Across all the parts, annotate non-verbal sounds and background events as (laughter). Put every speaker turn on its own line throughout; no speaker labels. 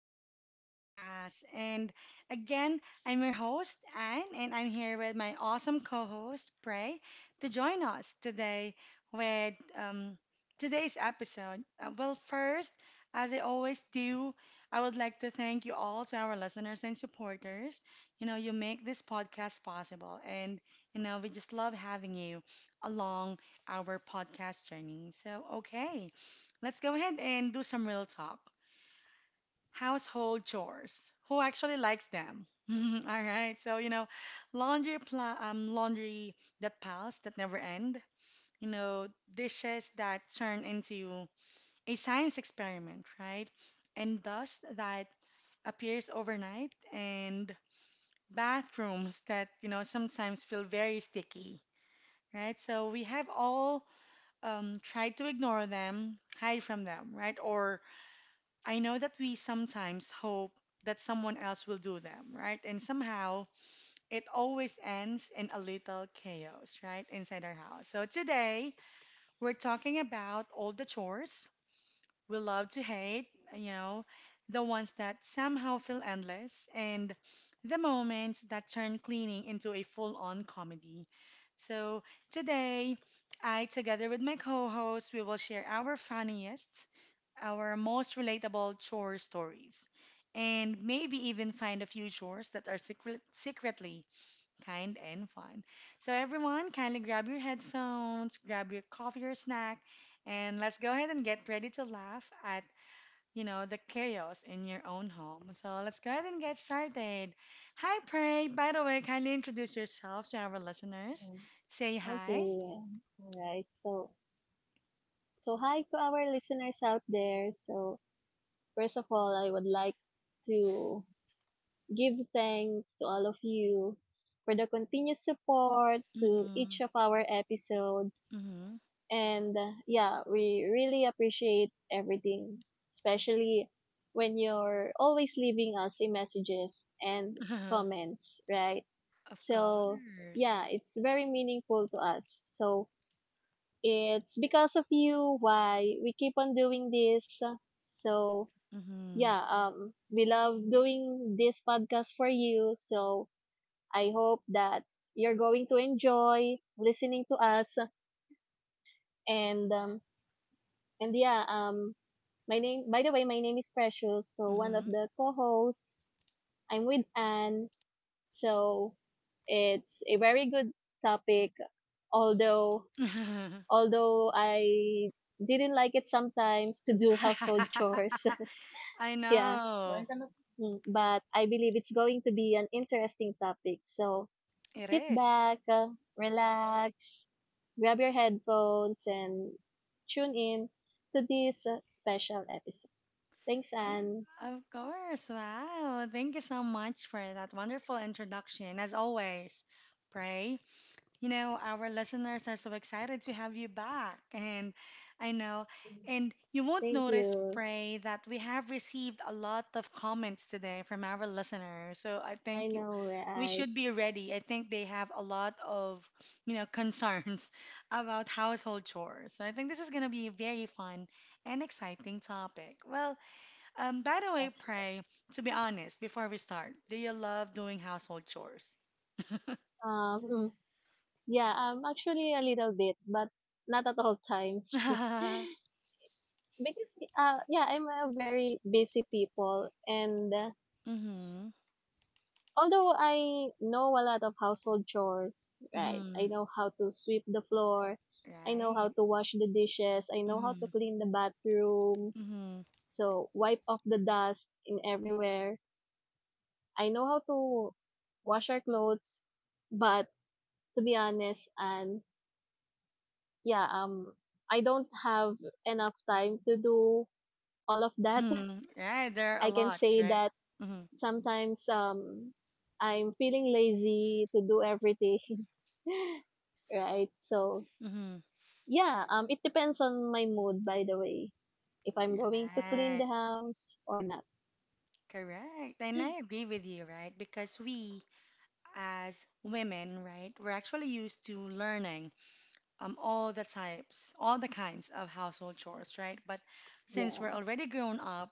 to another podcast. And again, I'm your host, Anne, and I'm here with my awesome co host, Prey, to join us today with today's episode. Well, first, as I always do, I would like to thank you all to our listeners and supporters. You make this podcast possible, and we just love having you along our podcast journey. So, okay. Let's go ahead and do some real talk. Household chores. Who actually likes them? (laughs) All right. So, laundry that piles that never end, you know, dishes that turn into a science experiment, right? And dust that appears overnight and bathrooms that, sometimes feel very sticky, right? So we have all tried to ignore them, hide from them, right? Or I know that we sometimes hope that someone else will do them, right? And somehow it always ends in a little chaos, right? Inside our house. So today we're talking about all the chores we love to hate, you know, the ones that somehow feel endless, and the moments that turn cleaning into a full on comedy. So today, I, together with my co host, we will share our funniest our most relatable chore stories, and maybe even find a few chores that are secretly kind and fun. So, everyone, kindly grab your headphones, grab your coffee or snack, and let's go ahead and get ready to laugh at the chaos in your own home. So let's go ahead and get started. Hi, Pray. By the way, kindly introduce yourself to our listeners.
Mm,
Say hi.
Okay. All right. So hi to our listeners out there. So, first of all, I would like to give thanks to all of you for the continuous support to
Mm-hmm.
each of our episodes.
Mm-hmm.
And yeah, we really appreciate everything, especially when you're always leaving us in messages and
(laughs)
comments, right?
Of
So,
course.
yeah, it's very meaningful to us. So, it's because of you why we keep on doing this. So,
Mm-hmm.
yeah, we love doing this podcast for you. So, I hope that you're going to enjoy listening to us. And, um, and yeah, my name, by the way, my name is Precious. So, one of
Mm-hmm.
the co-hosts, I'm with Anne. So, it's a very good topic although
(laughs)
although I didn't like it sometimes to do household chores.
I
(laughs) Yeah.
know.
But I believe it's going to be an interesting topic. So
It
sit
is.
back, relax, grab your headphones, and tune in to this special episode. Thanks,
Er,
Anne.
Of course. Wow. Thank you so much for that wonderful introduction. As always, pray, our listeners are so excited to have you back. And I know, and you won't
Thank
notice,
you.
Pray, that we have received a lot of comments today from our listeners. So I
I
think you,
know,
we
right?
should be ready. I think they have a lot of, concerns (laughs) about household chores. So I think this is going to be a very fun and exciting topic. Well, by the way,
That's right.
Pray, to be honest, before we start, do you love doing household chores?
Um, mm, yeah, actually a little bit, but not at all times. (laughs)
(laughs)
Because yeah, I'm a very busy people and
Mm-hmm.
although I know a lot of household chores, right?
Mm-hmm.
I know how to sweep the floor, I know how
Right.
to wash the dishes, I know how to
Mm-hmm.
clean the bathroom,
Mm-hmm.
so wipe off the dust in everywhere. I know how to wash our clothes, but to be honest and yeah, I don't have enough time to do all of that.
Mm-hmm. Right. There
(laughs)
are a
I can
lot,
say
right?
that
Mm-hmm.
sometimes I'm feeling lazy to do everything. (laughs) Right? So
Mm-hmm.
yeah, it depends on my mood, by the way, if I'm going to clean
Right.
the house or not.
Correct. And I agree with you, right? Because we, as women, right, we're actually used to learning all the types, all the kinds of household chores, right? But since
Yeah.
we're already grown up,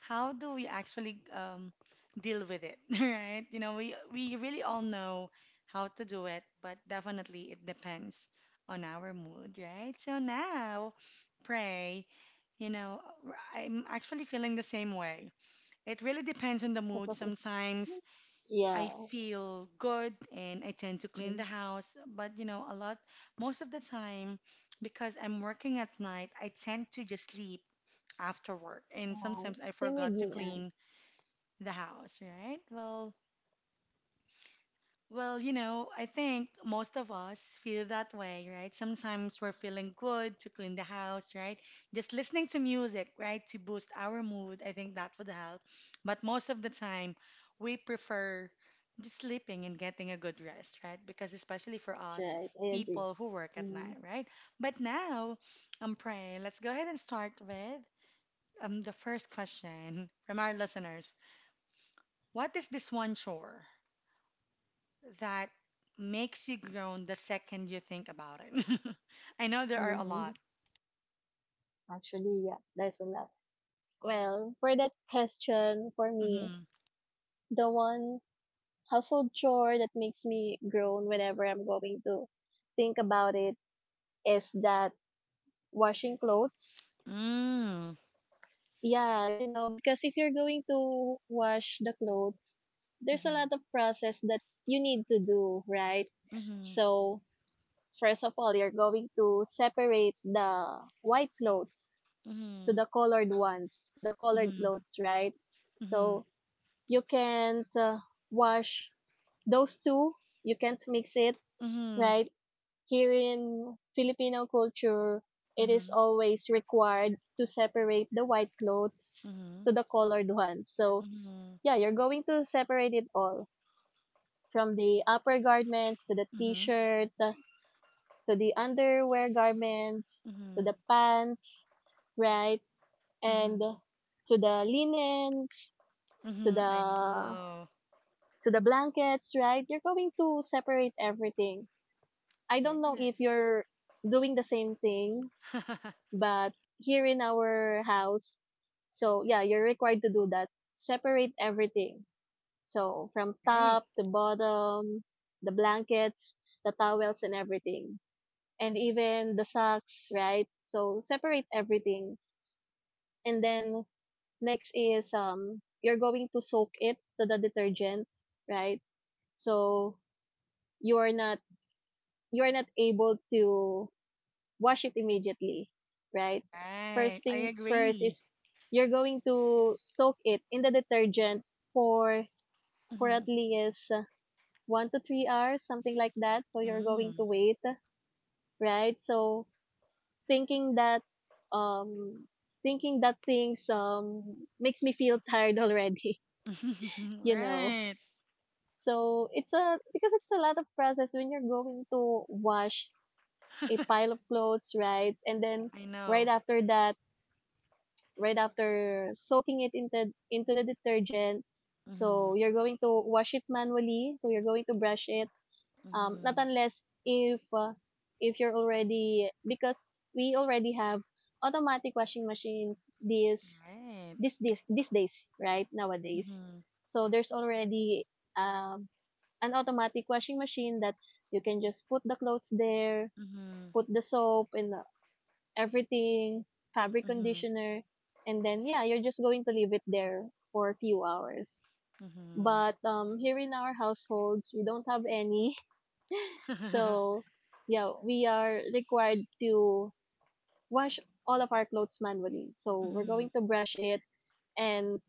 how do we actually deal with it, (laughs) right? You know, we really all know how to do it, but definitely it depends on our mood, right? So now, pray. You know, I'm actually feeling the same way. It really depends on the mood.
(laughs)
Sometimes
Yeah.
I feel good and I tend to clean the
Mm.
house, but most of the time, because I'm working at night, I tend to just sleep after work. And
Right.
sometimes I
Same with
forgot to
me, Anne.
clean the house, right? Well, I think most of us feel that way, right? Sometimes we're feeling good to clean the house, right? Just listening to music, right, to boost our mood, I think that would help. But most of the time, we prefer just sleeping and getting a good rest, right? Because especially for
That's
us
right. I agree.
people who work at
Mm.
night, right? But now, pray, let's go ahead and start with the first question from our listeners. What is this one chore that makes you groan the second you think about it? (laughs) I know there are a
Hmm.
lot.
Actually, yeah, there's a lot. Well, for that question, for me,
Mm-hmm.
the one household chore that makes me groan whenever I'm going to think about it is that washing clothes.
Mm.
Yeah, you know, because if you're going to wash the clothes, there's a
Mm-hmm.
lot of process that you need to do, right?
Mm-hmm.
So, first of all, you're going to separate the white clothes to
Mm-hmm.
the colored ones, to the colored
Mm-hmm.
clothes, right?
Mm-hmm.
So, you can't wash those two, you can't mix it,
Mm-hmm.
right? Here in Filipino culture, it is
Mm-hmm.
always required to separate the white clothes
Mm-hmm.
to the colored ones. So,
Mm-hmm. Mm-hmm.
yeah, you're going to separate it all from the upper garments to the
Mm-hmm. Mm-hmm. Mm-hmm.
t-shirt to the underwear garments
Mm-hmm.
to the
Mm-hmm.
pants, right? And
Mm-hmm.
to the linens, to
Mm-hmm. I
the
know.
to the blankets, right? You're going to separate everything. I don't know if
Yes.
you're doing the same thing.
(laughs)
But here in our house, so yeah, you're required to do that. Separate everything. So from
Right.
top to bottom, the blankets, the towels and everything. And even the socks, right? So separate everything. And then next is you're going to soak it to the detergent, right? So you are not you are not able to wash it immediately, right?
Right.
First
I
things first
agree.
is you're going to soak it in the detergent for for at
Mm-hmm.
least 1 to 3 hours, something like that. So you're going to wait, right? So thinking that um thinking that things makes me feel tired already,
Mm.
(laughs)
(laughs)
you know.
Right.
So it's a because it's a lot of process when you're going to wash a
(laughs)
pile of clothes, right? And then
I
right
know.
after that, right after soaking it into the detergent.
Mm-hmm.
So you're going to wash it manually. So you're going to brush it. Not
Mm-hmm.
unless if if you're already, because we already have automatic washing machines these
Right.
this this these days, right, nowadays.
Mm-hmm.
So there's already um an automatic washing machine that you can just put the clothes there,
Mm-hmm.
put the soap and everything, fabric
Mm-hmm.
conditioner, and then yeah, you're just going to leave it there for a few hours.
Mm-hmm.
But here in our households, we don't have any. (laughs)
(laughs)
So yeah, we are required to wash all of our clothes manually. So we're
Mm-hmm.
going to brush it and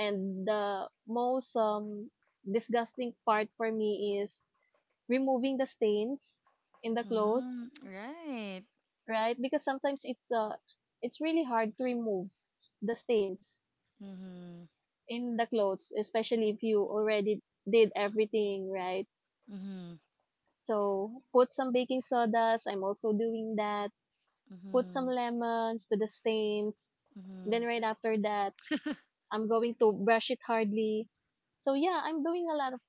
and the most disgusting part for me is removing the stains in the
Mm-hmm.
clothes,
Right.
right? Because sometimes it's really hard to remove the stains
Mm-hmm.
in the clothes, especially if you already did everything, right?
Mm-hmm.
So put some baking sodas, I'm also doing that. Put some
Mm-hmm.
lemons to the stains.
Mm-hmm.
Then right after that, I'm going to brush it hardly. So yeah, I'm doing a lot of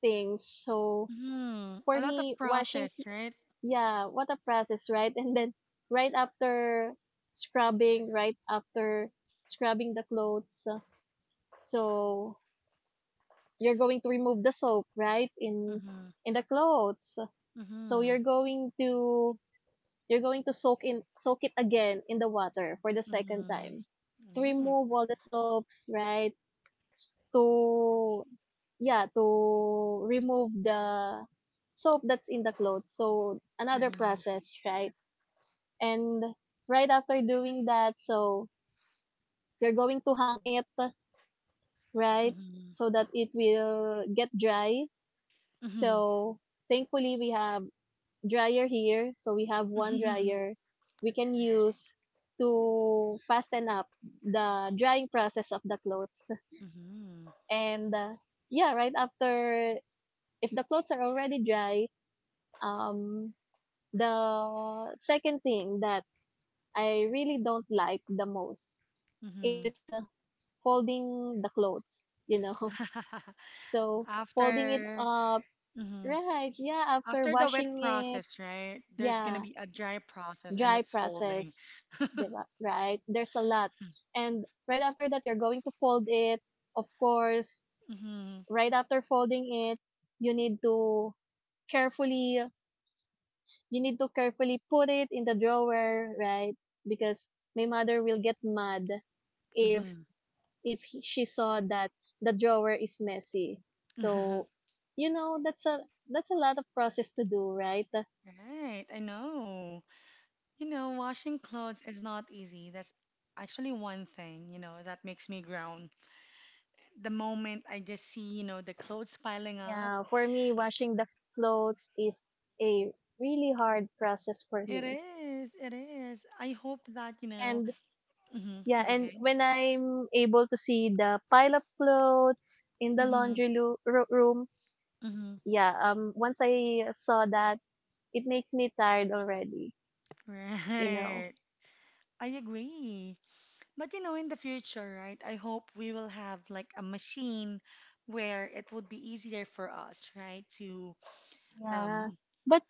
things. So
Mm-hmm. (laughs)
for
A lot of
me, washing,
process, right?
yeah, what a process, right? (laughs) And then right after right after scrubbing the clothes, so you're going to remove the soap, right? In
Mm-hmm.
in the clothes. So
Mm-hmm.
you're going to soak it again in the water for the second
Mm-hmm.
time to
Mm-hmm.
remove all the soaps, right? To yeah, to remove the soap that's in the clothes. So another
Mm-hmm.
process, right? And right after doing that, so you're going to hang it, right,
Mm-hmm.
so that it will get dry.
Mm-hmm.
So thankfully we have dryer here, so we have one
Mm-hmm.
dryer we can
(laughs) Right.
use to fasten up the drying process of the clothes.
Mm-hmm.
And yeah, right after, if the clothes are already dry, um the second thing that I really don't like the most
Mm-hmm.
is folding the clothes, you know. (laughs)
(laughs)
So folding it
After
up,
mm-hmm.
right? Yeah, after
After the wet
washing it,
process, right? There's gonna
yeah,
be a dry process and
dry
it's folding.
process, ba? Right? There's a lot, and right after that, you're going to fold it. Of course,
Mm-hmm.
right after folding it, you need to carefully, you need to carefully put it in the drawer, right? Because my mother will get mad if
Mm-hmm.
she saw that the drawer is messy. So,
(laughs)
you know, that's a lot of process to do, right?
Right, I know. Washing clothes is not easy. That's actually one thing, that makes me groan. The moment I just see, the clothes piling up,
Yeah, for me, washing the clothes is a really hard process for
it
me.
is, it is. I hope that,
And
hmm
yeah,
go
and
ahead.
when I'm able to see the pile of clothes in the
Mm-hmm,
laundry room,
mm-hmm.
yeah, once I saw that, it makes me tired already,
(laughs)
you know.
Right. I agree. But, in the future, right, I hope we will have like a machine where it would be easier for us, right,
Yeah.
um
But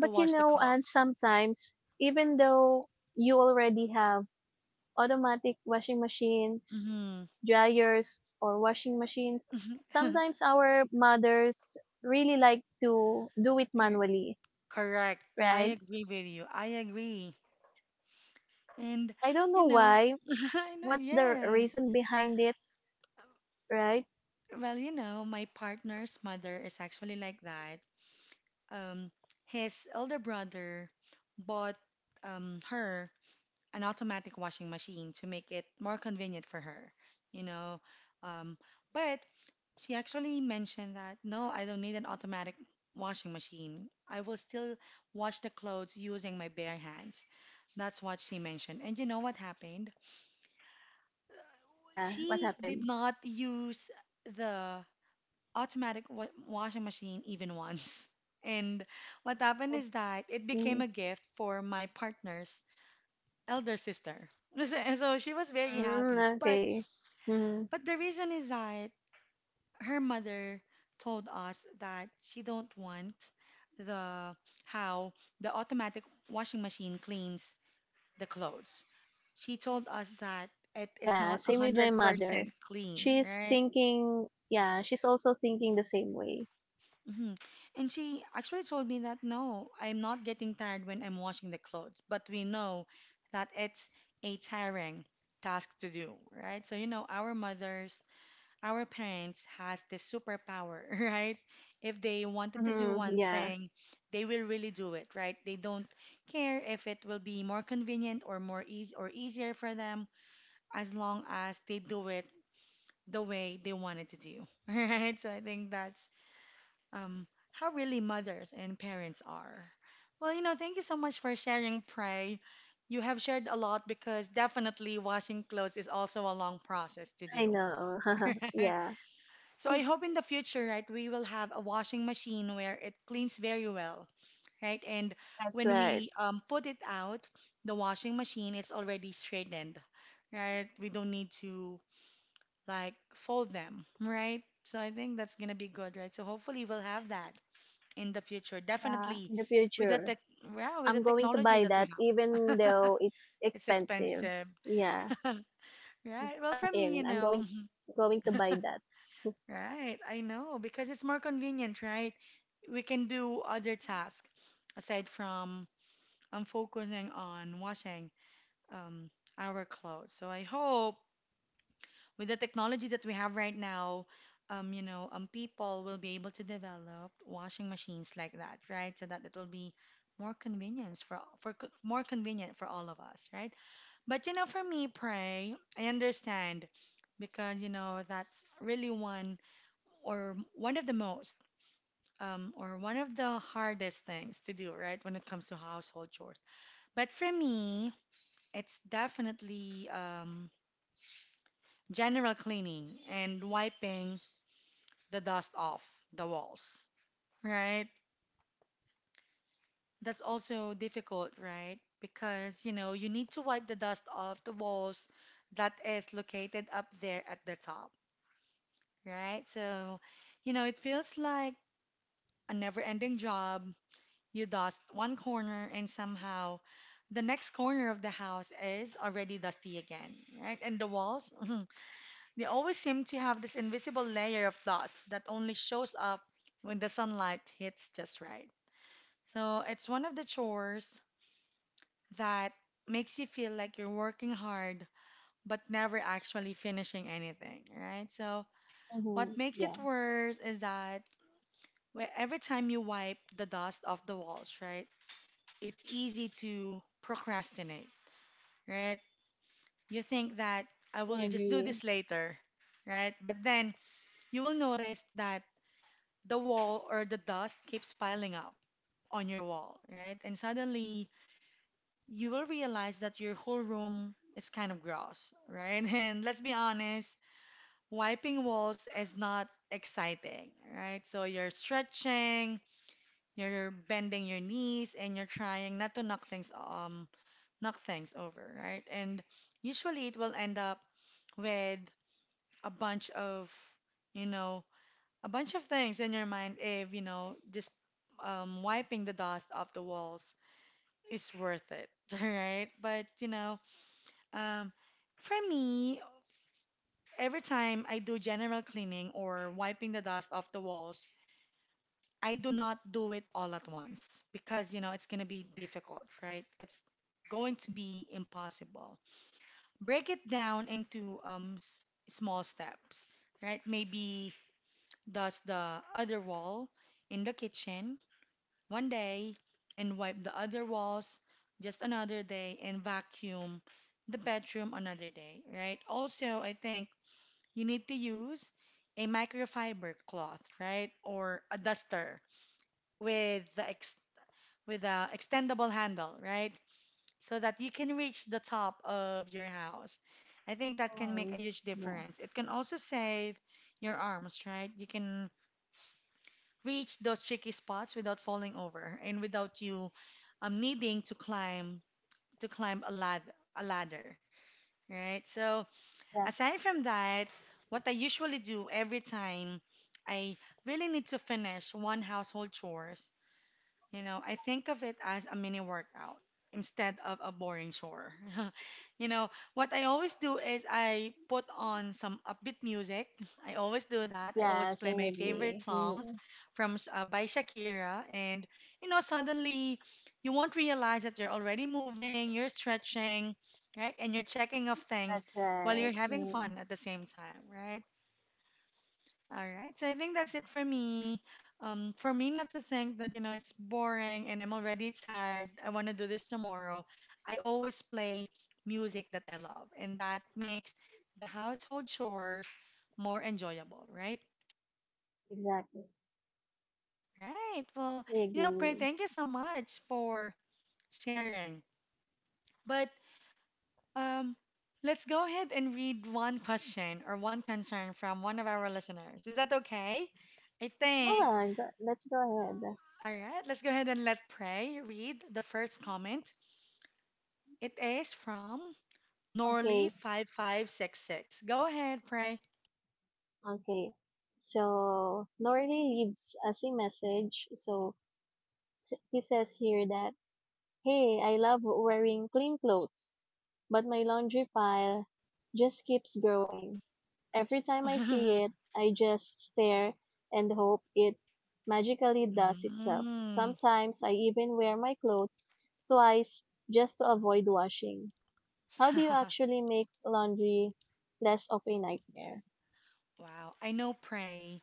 to
you
wash the
know, and
clothes.
sometimes even though you already have automatic washing machines,
Mm-hmm.
dryers or washing machines,
(laughs)
sometimes our mothers really like to do it
Y-
manually,
Correct. I
right?
agree with you. I agree. And,
I don't
you
know
know,
why.
(laughs) I know,
What's the
yes.
reason behind it, right?
Well, my partner's mother is actually like that. Um, his elder brother bought her an automatic washing machine to make it more convenient for her, you know. Um, but she actually mentioned that, no, I don't need an automatic washing machine. I will still wash the clothes using my bare hands. That's what she mentioned. And you know what happened?
Yeah, what
She did
happened?
not use the washing machine even once. (laughs) And what happened is that it became
Mm,
a gift for my partner's elder sister. (laughs) So so she was very happy.
okay. Mm-hmm.
But the reason is that her mother told us that she don't want the how the automatic washing machine cleans the clothes. She told us that it is
Yeah,
not
same with my mother.
100% clean,
She's
right?
thinking, yeah, she's also thinking the same way.
hmm And she actually told me that no, I'm not getting tired when I'm washing the clothes, but we know that it's a tiring task to do, right? So, our mothers, our parents has this superpower, (laughs) right? If they wanted to do one
Yeah,
thing, they will really do it, right? They don't care if it will be more convenient or more easy or easier for them as long as they do it the way they wanted to do, (laughs) right? So I think that's um, how really mothers and parents are. Well, thank you so much for sharing, Pray. You have shared a lot because definitely washing clothes is also a long process to
I
do.
know. (laughs)
(laughs)
Yeah,
So I hope in the future, right, we will have a washing machine where it cleans very well, right? And
that's
when
right.
we put it out, the washing machine, it's already straightened, right? We don't need to like fold them, right? So I think that's gonna be good, right? So hopefully we'll have that in the future,
Yeah,
definitely
in the
with the
future,
tech, yeah, with the
I'm going to
technology
buy
that we
that
have.
even
(laughs)
though it's
It's
expensive.
expensive.
Yeah,
(laughs) Right. Well,
I'm
for me,
in. I'm going
(laughs)
to buy that.
right, I know because it's more convenient, right? We can do other tasks aside from focusing on washing um, our clothes. So I hope with the technology that we have right now, people will be able to develop washing machines like that, right? So that it will be more convenience for co- more convenient for all of us, right? But you know, for me, pray, I understand because you know that's really one of the most or one of the hardest things to do, right? When it comes to household chores. But for me, it's definitely general cleaning and wiping the dust off the walls, right? That's also difficult, right? Because, you need to wipe the dust off the walls that is located up there at the top, right? So, it feels like a never-ending job. You dust one corner and somehow the next corner of the house is already dusty again, right? And the walls, (laughs) they always seem to have this invisible layer of dust that only shows up when the sunlight hits just right. So it's one of the chores that makes you feel like you're working hard but never actually finishing anything, right? So what
Mm-hmm.
makes it
Yeah,
worse is that every time you wipe the dust off the walls, right? It's easy to procrastinate, right? You think that I
I
will just do
agree.
this later, right? But then you will notice that the wall or the dust keeps piling up on your wall, right? And suddenly you will realize that your whole room is kind of gross, right? (laughs) And let's be honest, wiping walls is not exciting, right? So you're stretching, you're bending your knees, and you're trying not to knock things over, right? And usually it will end up with a bunch of, you know, a bunch of things in your mind if, just wiping the dust off the walls is worth it, (laughs) right? But, you know, um, for me, every time I do general cleaning or wiping the dust off the walls, I do not do it all at once because, you know, it's going to be difficult, right? It's going to be impossible. Break it down into small steps, right? Maybe dust the other wall in the kitchen one day and wipe the other walls just another day, and vacuum the bedroom another day, right? Also, I think you need to use a microfiber cloth, right? Or a duster with the ex with a extendable handle, right? So that you can reach the top of your house. I think that can make a
Mm,
huge
yeah,
difference. It can also save your arms, right? You can reach those tricky spots without falling over and without you needing to climb a lad a ladder, right? So
yeah,
aside from that, what I usually do every time I really need to finish one household chores, you know, I think of it as a mini workout instead of a boring chore. (laughs) You know, what I always do is I put on some upbeat music. (laughs) I always do that. I
yeah,
always play
same
my
with
favorite
me.
songs from by Shakira, and you know, suddenly you won't realize that you're already moving, you're stretching, right? And you're checking off things
That's
while
right.
you're having fun at the same time, right? All right. So I think that's it for me. For me not to think that, you know, it's boring and I'm already tired. I want to do this tomorrow. I always play music that I love, and that makes the household chores more enjoyable, right?
Exactly.
Right. Well,
I
you know, Pray,
agree.
thank you so much for sharing. But um, let's go ahead and read one question or one concern from one of our listeners. Is that okay? I think,
Go let's go ahead.
all right, let's go ahead and let Pray read the first comment. It is from Norley
Okay,
5566. Go ahead, Pray.
okay. So, Norley leaves us a message. So, he says here that, "Hey, I love wearing clean clothes, but my laundry pile just keeps growing. Every time I see it,
(laughs)
I just stare and hope it magically does itself.
Mm.
Sometimes I even wear my clothes twice just to avoid washing. How do you
(laughs)
actually make laundry less of a nightmare?"
Wow. I know, Pray,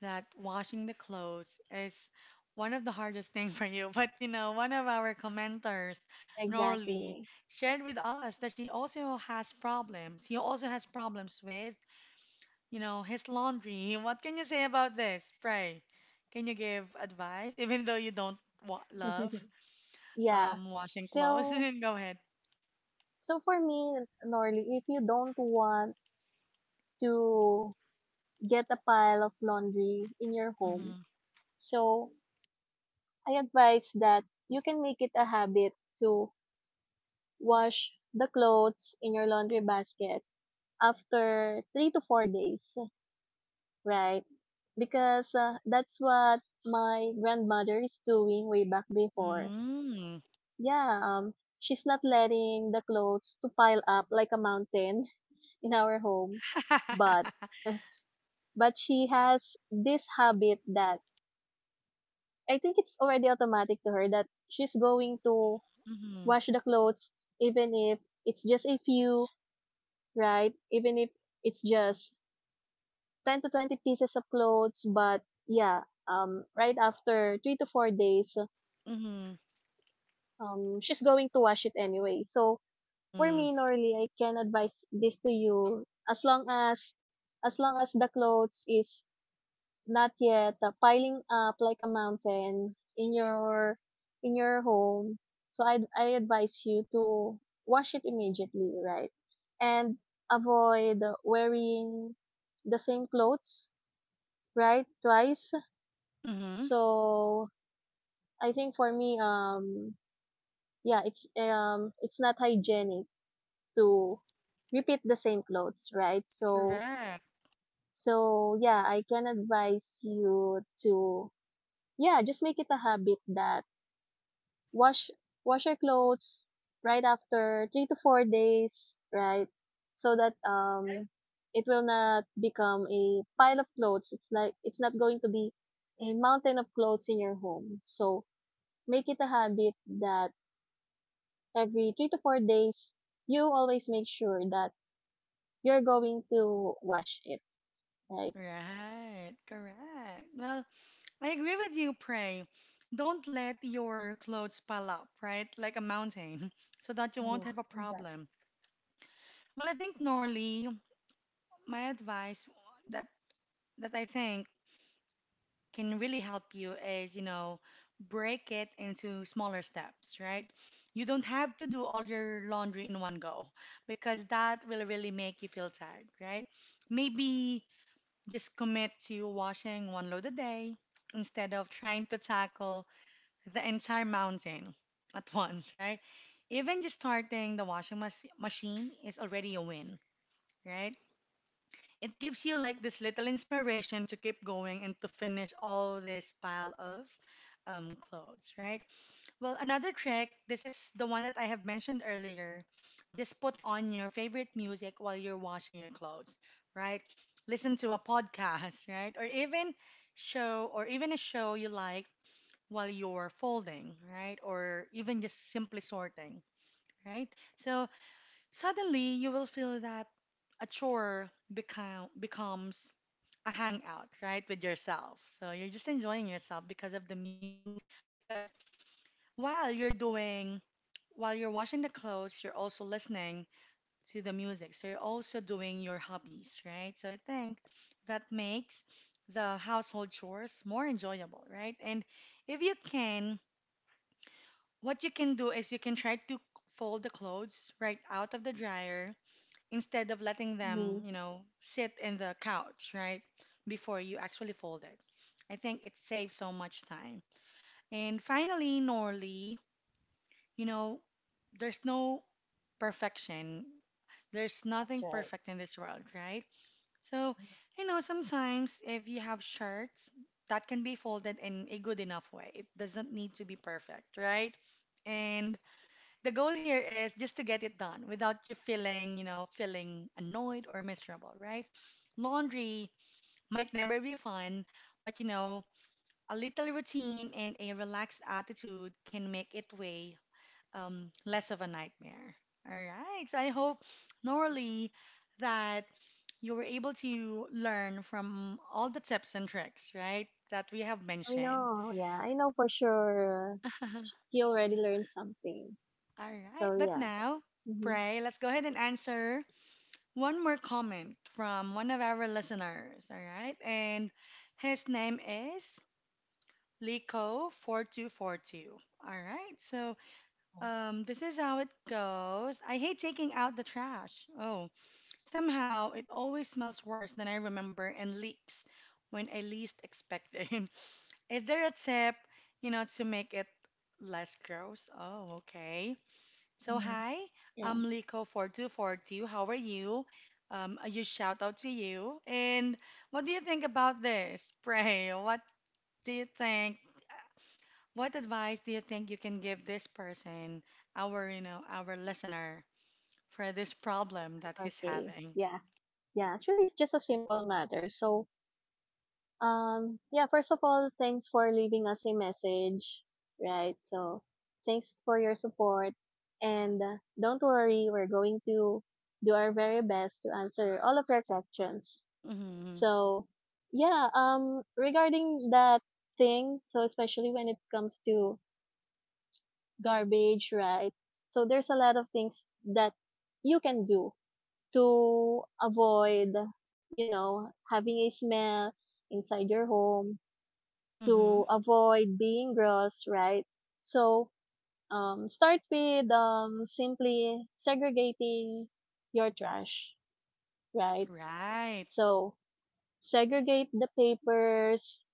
that washing the clothes is one of the hardest thing for you. But you know, one of our commenters, Norley,
Exactly.
shared with us that she also has problems. He also has problems with, you know, his laundry. (laughs) What can you say about this? Pray. Can you give advice, (laughs) even though you don't wa love
(laughs) Yeah.
washing clothes?
So,
(laughs) Go ahead.
so for me, Norly, if you don't want to get a pile of laundry in your home,
Mm-hmm.
so I advise that you can make it a habit to wash the clothes in your laundry basket after 3 to 4 days, right? Because that's what my grandmother is doing way back before.
Mm-hmm.
Yeah, she's not letting the clothes to pile up like a mountain (laughs) in our home, but
(laughs)
(laughs) but she has this habit that I think it's already automatic to her that she's going to
Mm-hmm.
wash the clothes even if it's just a few, right? Even if it's just 10 to 20 pieces of clothes, but yeah, right after 3 to 4 days,
Mm-hmm.
she's going to wash it anyway. So for
Hmm.
me, Norly, I can advise this to you as long as the clothes is not yet piling up like a mountain in your home. So I advise you to wash it immediately, right? And avoid wearing the same clothes, right? Twice.
Hmm.
So I think for me, yeah, it's not hygienic to repeat the same clothes, right? So,
Correct.
so yeah, I can advise you to yeah, just make it a habit that wash wash your clothes right after 3 to 4 days, right? So that it will not become a pile of clothes. It's like it's not going to be a mountain of clothes in your home. So make it a habit that every 3 to 4 days you always make sure that you're going to wash it. Right.
Right. Correct. Well, I agree with you, Pray. Don't let your clothes pile up, right? Like a mountain, (laughs) so that you won't
Yeah,
have a
exactly.
problem. Well, I think, Norley, my advice that that I think can really help you is, you know, break it into smaller steps, right? You don't have to do all your laundry in one go because that will really make you feel tired, right? Maybe just commit to washing one load a day instead of trying to tackle the entire mountain at (laughs) once, right? Even just starting the washing machine is already a win, right? It gives you like this little inspiration to keep going and to finish all this pile of clothes, right? Well, another trick, this is the one that I have mentioned earlier. Just put on your favorite music while you're washing your clothes, right? Listen to a podcast, (laughs) right? Or even a show you like while you're folding, right? Or even just simply sorting, right? So suddenly, you will feel that a becomes a hangout, right, with yourself. So you're just enjoying yourself because of the music. Because while you're doing, while you're washing the clothes, you're also listening to the music. So you're also doing your hobbies, right? So I think that makes the household chores more enjoyable, right? And if you can, what you can do is you can try to fold the clothes right out of the dryer instead of letting
Hmm.
them, you know, sit in the couch, right? Before you actually fold it. I think it saves so much time. And finally, Norley, you know, there's no perfection. There's
That's
nothing
right.
perfect in this world, right? So, you know, sometimes if you have shirts that can be folded in a good enough way, it doesn't need to be perfect, right? And the goal here is just to get it done without you feeling, you know, feeling annoyed or miserable, right? Laundry might never be fun, but you know, a little routine and a relaxed attitude can make it way less of a nightmare. All right. So I hope, Norley, that you were able to learn from all the tips and tricks, right, that we have
I
mentioned.
know. Yeah, I know for sure.
(laughs)
He already learned something.
All right.
So
But
yeah.
now,
Hmm.
Pray, let's go ahead and answer one more comment from one of our listeners, all right? And his name is Lico4242. All right, so this is how it goes. I hate taking out the trash. Oh, somehow it always smells worse than I remember and leaks when I least expect it. (laughs) Is there a tip, you know, to make it less gross? Oh, okay. So
Hmm.
hi,
Yeah.
I'm Liko 4242. How are you? A huge shout out to you. And what do you think about this? Pray. What do you think? What advice do you think you can give this person, our you know our listener, for this problem that he's
Okay.
having?
Yeah. Yeah. Actually, it's just a simple matter. So, yeah, first of all, thanks for leaving us a message, right? So, thanks for your support. And don't worry, we're going to do our very best to answer all of your questions.
Mm-hmm.
So, yeah, regarding that thing, so especially when it comes to garbage, right? So there's a lot of things that you can do to avoid, you know, having a smell inside your home,
Mm-hmm.
to avoid being gross, right? So, start with simply segregating your trash, right?
Right.
So, segregate the papers,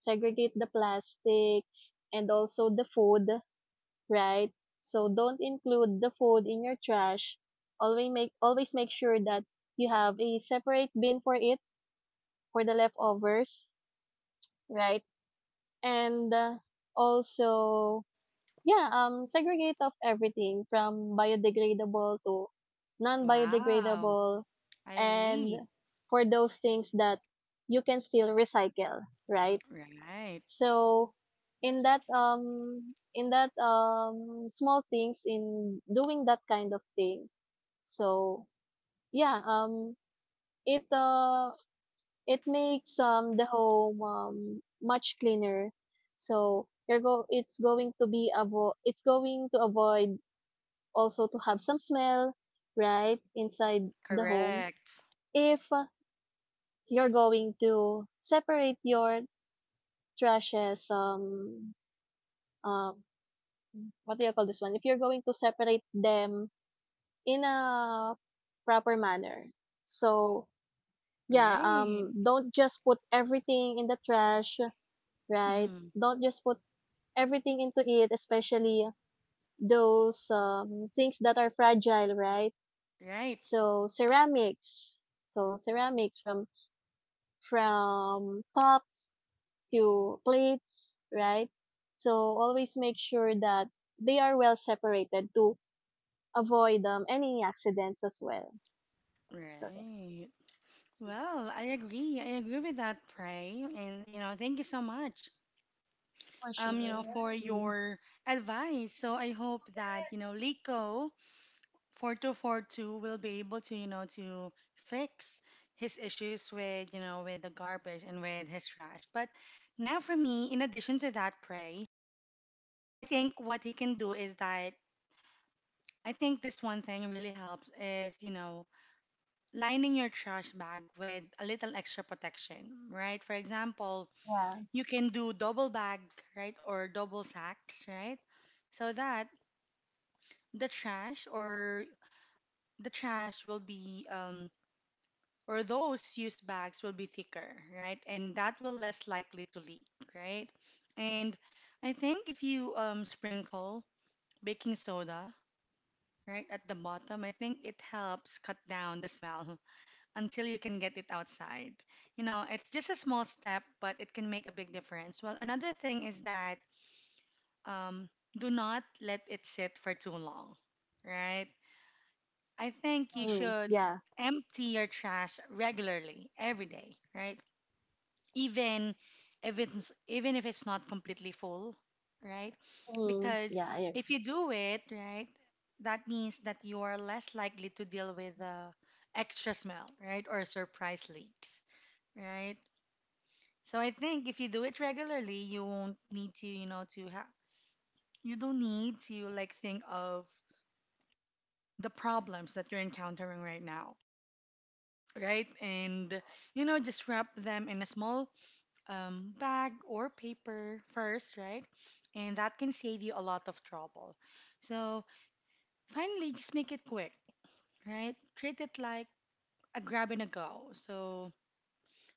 segregate the plastics and also the food, right? So don't include the food in your trash. Always make sure that you have a separate bin for it for the leftovers, right? And also yeah, segregate of everything from biodegradable to
Wow.
non-biodegradable
I
and
agree.
for those things that you can still recycle, right?
Right.
So in that small things in doing that kind of thing. So yeah, it uh it makes the home much cleaner. So you're go it's going to be avo it's going to avoid also to have some smell, right, inside the home
Correct.
if you're going to separate your trashes um what do you call this one? If you're going to separate them in a proper manner. So, yeah,
Right.
don't just put everything in the trash, right?
Mm-hmm.
Don't just put everything into it, especially those things that are fragile, right?
Right.
So, ceramics. So, ceramics from cups to plates, right? So, always make sure that they are well separated to avoid any accidents as well. So yeah.
Right. Well, I agree. I agree with that, Pray. And, you know, thank you so much,
For
you know,
sure.
for
Mhm.
your advice. So I hope that, you know, Lico 4242 will be able to, you know, to fix his issues with, you know, with the garbage and with his trash. But now for me, in addition to that, Pray, I think what he can do is that I think this one thing really helps is, you know, lining your trash bag with a little extra protection, right? For example,
Yeah.
you can do double bag, right, or double sacks, right? So that the trash or the trash will be or those used bags will be thicker, right? And that will less likely to leak, right? And I think if you sprinkle baking soda, right, at the bottom, I think it helps cut down the smell (laughs) until you can get it outside. You know, it's just a small step, but it can make a big difference. Well, another thing is that um, do not let it sit for too long, right? I think you
Mm,
should
yeah.
empty your trash regularly every day, right? Even even if it's not completely full, right?
Mm,
Because
yeah. I
if
ag-
you do it, right, that means that you are less likely to deal with extra smell, right, or surprise leaks, right? So I think if you do it regularly, you won't need to, you know, to have, you don't need to like think of the problems that you're encountering right now, right? And, you know, just wrap them in a small bag or paper first, right? And that can save you a lot of trouble. So, finally, just make it quick, right? Treat it like a grab and a go. So,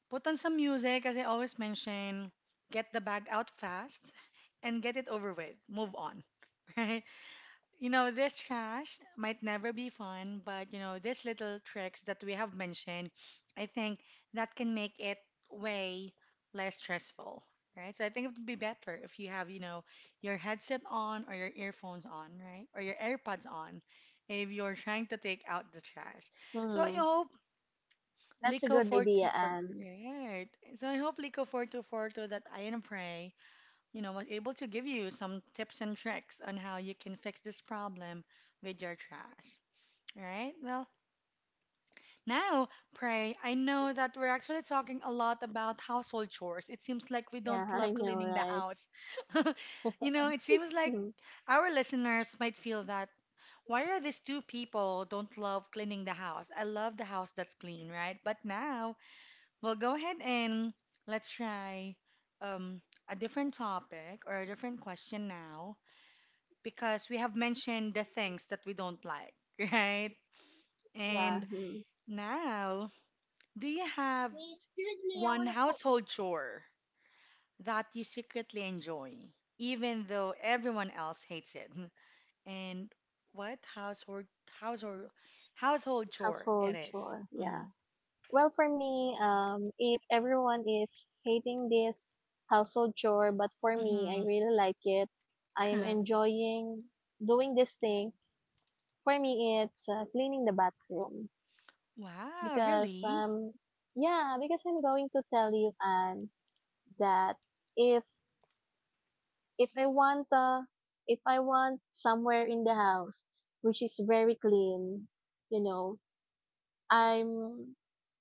put on some music, as I always mention, get the bag out fast and get it over with. Move on, (laughs) right? You know, this trash might never be fun, but you know, these little tricks that we have mentioned, I think that can make it way less stressful, right? So I think it would be better if you have, you know, your headset on or your earphones on, right? Or your AirPods on if you're trying to take out the trash. So I
Mm,
hope
that's a
Lico
good idea,
424,
Anne.
right? So I hope Lico 4242 that I am Pray, you know, was able to give you some tips and tricks on how you can fix this problem with your trash. All right. Well, now, Pray, I know that we're actually talking a lot about household chores. It seems like we
Yeah,
don't
I
love
know,
cleaning the
right?
house. (laughs) You know, it seems like
Mm,
our listeners might feel that why are these two people don't love cleaning the house? I love the house that's clean, right? But now, we'll go ahead and let's try um, a different topic or a different question now because we have mentioned the things that we don't like, (laughs) right?
yeah.
And
Mm.
now, do you have
Wait, excuse me, I
one
want to poop.
household chore that you secretly enjoy, even though everyone else hates it? (laughs) And what household household chore it
Household
is?
chore. Yeah.
Mm-hmm.
Well, for me, if everyone is hating this household chore, but for me,
Mm-hmm.
I really like it. I am
(laughs)
enjoying doing this thing. For me, it's cleaning the bathroom.
Wow,
Because
really?
yeah, because I'm going to tell you and that if if I want if I want somewhere in the house which is very clean, you know, i'm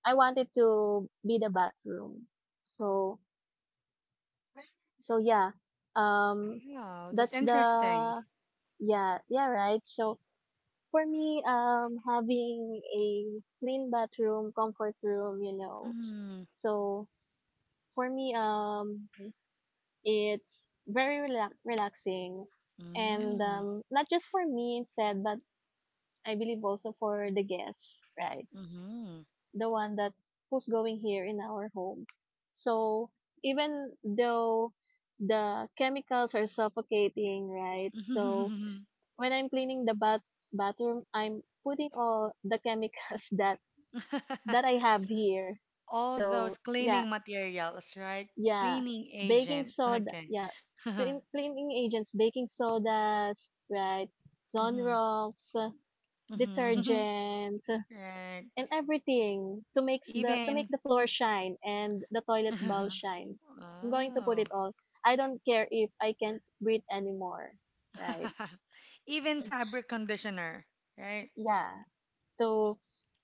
I want it to be the bathroom. So so yeah, um
Wow, that's
that's
interesting.
the yeah, yeah, right. So for me, having a clean bathroom, comfort room, you know.
Mm-hmm.
So for me, it's very relaxing, and not just for me instead, but I believe also for the guests, right? The one that who's going here in our home. So even though the chemicals are suffocating, right? So
Mm-hmm.
when I'm cleaning the bathroom, I'm putting all the chemicals (laughs) that
(laughs)
I have here.
all those
So yeah.
cleaning materials, right?
Yeah,
Cleaning
baking
agents.
soda.
Okay.
Yeah,
(laughs)
cleaning agents, baking sodas, right?
Hmm.
Sunrocks,
Hmm.
detergent,
(laughs) Right.
and everything to makes the to
Even.
make the floor shine and the toilet bowl
(laughs)
shines. I'm going to put
Oh.
it all. I don't care if I can't breathe anymore, right?
(laughs) Even fabric conditioner, right?
Yeah, to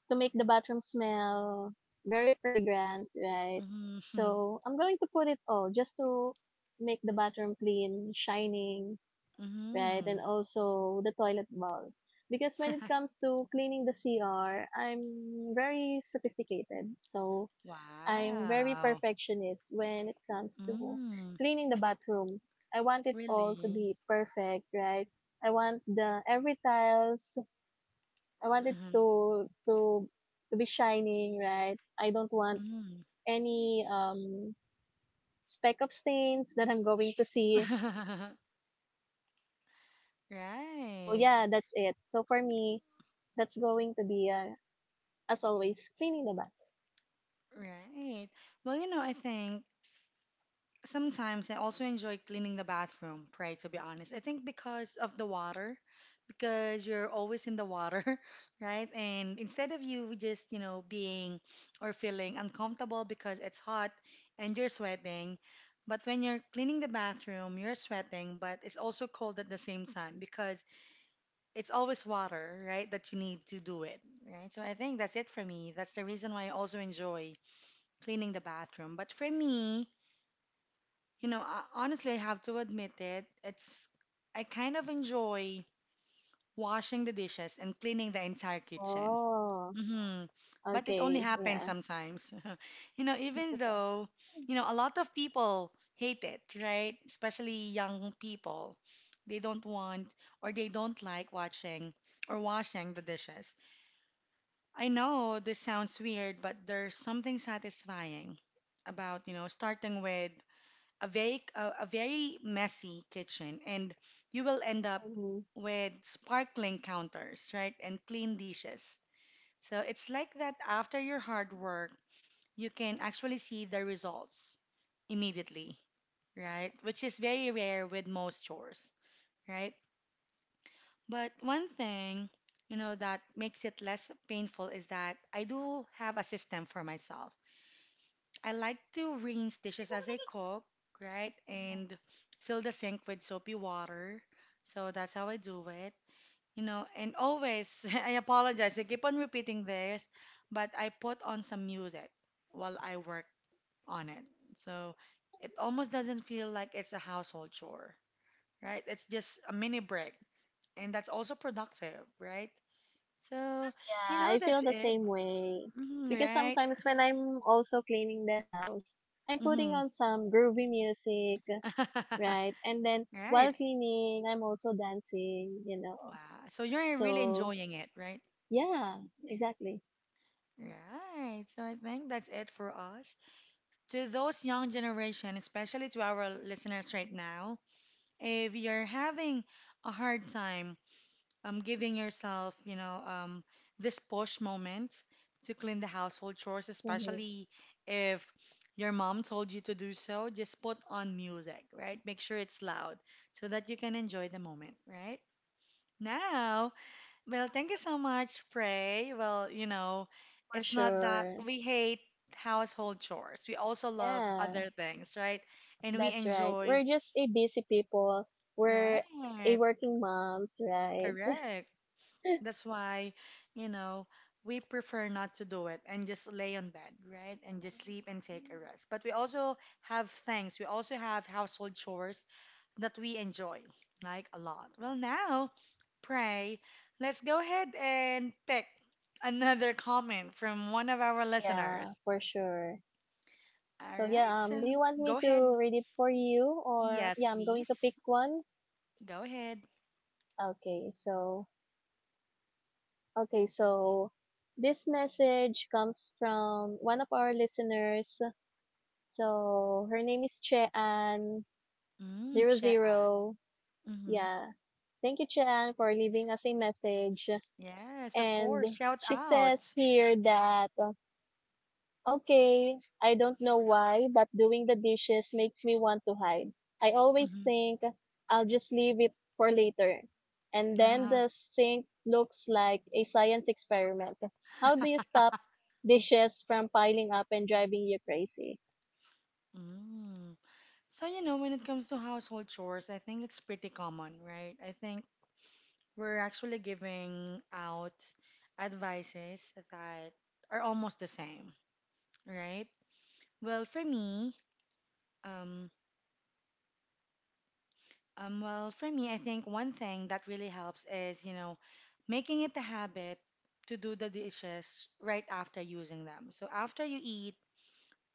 to make the bathroom smell very fragrant, right?
Mm-hmm.
So I'm going to put it all just to make the bathroom clean, shining, right? And
Hmm.
also the toilet bowl. Because when it
(laughs)
comes to cleaning the CR, I'm very sophisticated. So I'm very
Wow.
perfectionist when it comes to
Mm,
cleaning the bathroom. I want it all to
really?
be perfect, right? I want the every tiles, I want it
Mhm.
to be shining, right? I don't want
Mm.
any speck of stains that I'm going to see.
(laughs)
So
Right.
yeah, that's it. So for me, that's going to be a as always, cleaning the bathroom.
Right. Well, you know, I think sometimes I also enjoy cleaning the bathroom, Pray, to be honest. I think because of the water, because you're always in the water, (laughs) right? And instead of you just, being or feeling uncomfortable because it's hot and you're sweating. But when you're cleaning the bathroom, you're sweating, but it's also cold at the same time because it's always water, right, that you need to do it, right? So I think that's it for me. That's the reason why I also enjoy cleaning the bathroom. But for me, I, honestly, I have to admit it. It's I kind of enjoy washing the dishes and cleaning the entire kitchen.
Oh,
Hmm. But it only
okay.
happens
Yeah.
sometimes. (laughs) You know, even
(laughs)
though, you know, a lot of people hate it, right? Especially young people. They don't want or they don't like watching or washing the dishes. I know this sounds weird, but there's something satisfying about, starting with a very messy kitchen, and you will end up
Hmm.
with sparkling counters, right, and clean dishes. So it's like that: after your hard work, you can actually see the results immediately, right, which is very rare with most chores, right? But one thing, that makes it less painful is that I do have a system for myself. I like to rinse dishes as I cook, right? And fill the sink with soapy water. So that's how I do it. And always, (laughs) I apologize, I keep on repeating this, but I put on some music while I work on it. So it almost doesn't feel like it's a household chore, right? It's just a mini break. And that's also productive, right? So,
Yeah, I
that's
feel the
it.
same way.
Mhm,
Because
right?
sometimes when I'm also cleaning the house, I'm putting
Hmm.
on some groovy music, right? And then
(laughs) Right.
while cleaning, I'm also dancing, you know.
Wow. So you're really
So,
enjoying it, right?
yeah, exactly.
Right. So I think that's it for us. To those young generation, especially to our listeners right now, if you're having a hard time giving yourself, this push moment to clean the household chores,
Hmm.
especially if your mom told you to do so, just put on music, right? Make sure it's loud so that you can enjoy the moment, right? Now, well, thank you so much, Prey. Well,
For
it's not that
sure.
we hate household chores. We also love
Yeah.
other things, right? And we
That's right.
enjoy,
We're just a busy people. We're a
right?
working moms, right?
Correct. That's why, you know, we prefer not to do it and just lay on bed, right? And just sleep and take a rest. But we also have things. We also have household chores that we enjoy, like, a lot. Well, now, pray, let's go ahead and pick another comment from one of our
Yeah,
listeners.
for sure.
All
So
right,
yeah, do
so
you want me
go ahead.
to read it for you or
Yes,
yeah, I'm going to pick
please.
one.
Go ahead.
Okay, so this message comes from one of our listeners. So her name is Chean
Mm,
zero
Chean.
zero.
Hmm.
Yeah. Thank you, Chean, for leaving us a message.
Yes, of
And
course. Shout
she
out.
says here that okay, I don't know why, but doing the dishes makes me want to hide. I always
Hmm.
think I'll just leave it for later. And then
Uh-huh.
the sink looks like a science experiment. How do you stop
(laughs)
dishes from piling up and driving you crazy?
Mm. So, when it comes to household chores, I think it's pretty common, right? I think we're actually giving out advices that are almost the same, right? Well, for me, um, for me, I think one thing that really helps is, making it a habit to do the dishes right after using them. So after you eat,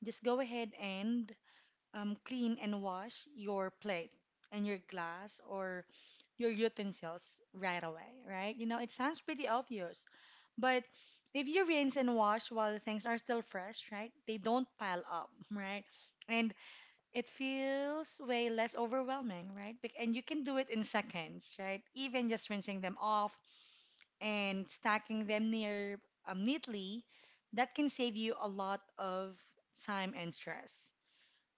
just go ahead and clean and wash your plate and your glass or your utensils right away, right? You know it sounds pretty obvious, but if you rinse and wash while things are still fresh, right, they don't pile up, right? And it feels way less overwhelming, right? And you can do it in seconds, right? Even just rinsing them off and stacking them near neatly, that can save you a lot of time and stress.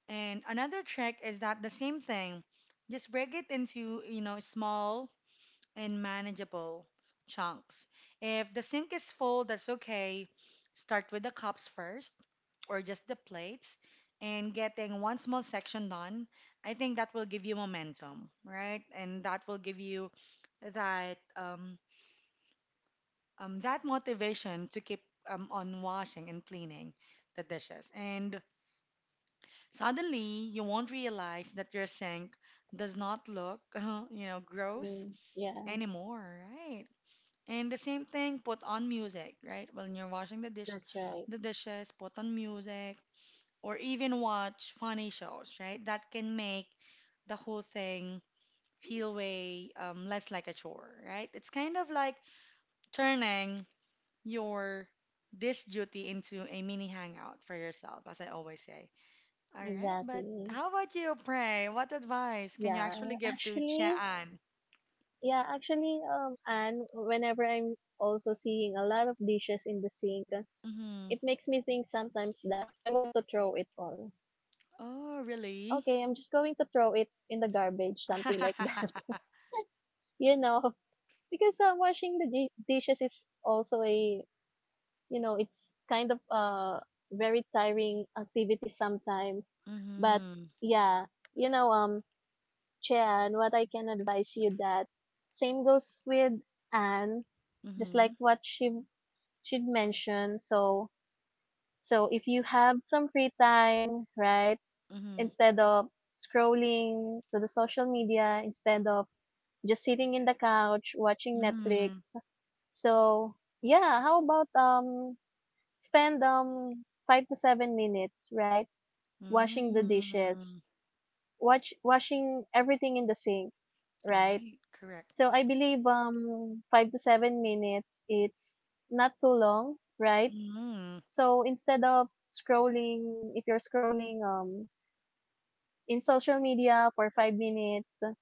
And another trick is that the same thing: just break it into, small and manageable chunks. If the sink is full, that's okay. Start with the cups first or just the plates, and getting one small section done. I think that will give you momentum, right? And that will give you that um, that motivation to keep on washing and cleaning the dishes. And suddenly, you won't realize that your sink does not look, (laughs) gross
Hmm, yeah,
anymore, right? And the same thing, put on music, right? When you're washing the dish,
that's right.
the dishes, put on music, or even watch funny shows, right? That can make the whole thing feel way less like a chore, right? It's kind of like turning your dish duty into a mini hangout for yourself, as I always say. All right, but
Exactly.
how about you, Pray? What advice can you actually
Yeah,
give
(laughs)
to
actually,
Chian?
Yeah, actually, and whenever I'm also seeing a lot of dishes in the sink,
Mm-hmm.
it makes me think sometimes that I want to throw it all.
Oh, really?
Okay, I'm just going to throw it in the garbage, something like (laughs) that.
(laughs)
You know, because washing the dishes is also a, you know, it's kind of very tiring activity sometimes. But
Mm-hmm.
yeah, you know, Jen, what I can advise you that same goes with Anne, just
Mm-hmm.
like what she'd mentioned. So so if you have some free time, right,
Mm-hmm.
instead of scrolling to the social media, instead of just sitting in the couch watching
Mm-hmm.
Netflix. So yeah, how about spend 5 to 7 minutes, right? Washing the
Mm-hmm.
dishes. Watch washing everything in the sink, right?
Right, correct.
So I believe 5 to 7 minutes it's not too long, right?
Mm-hmm.
So instead of scrolling if you're scrolling in social media for 5 minutes,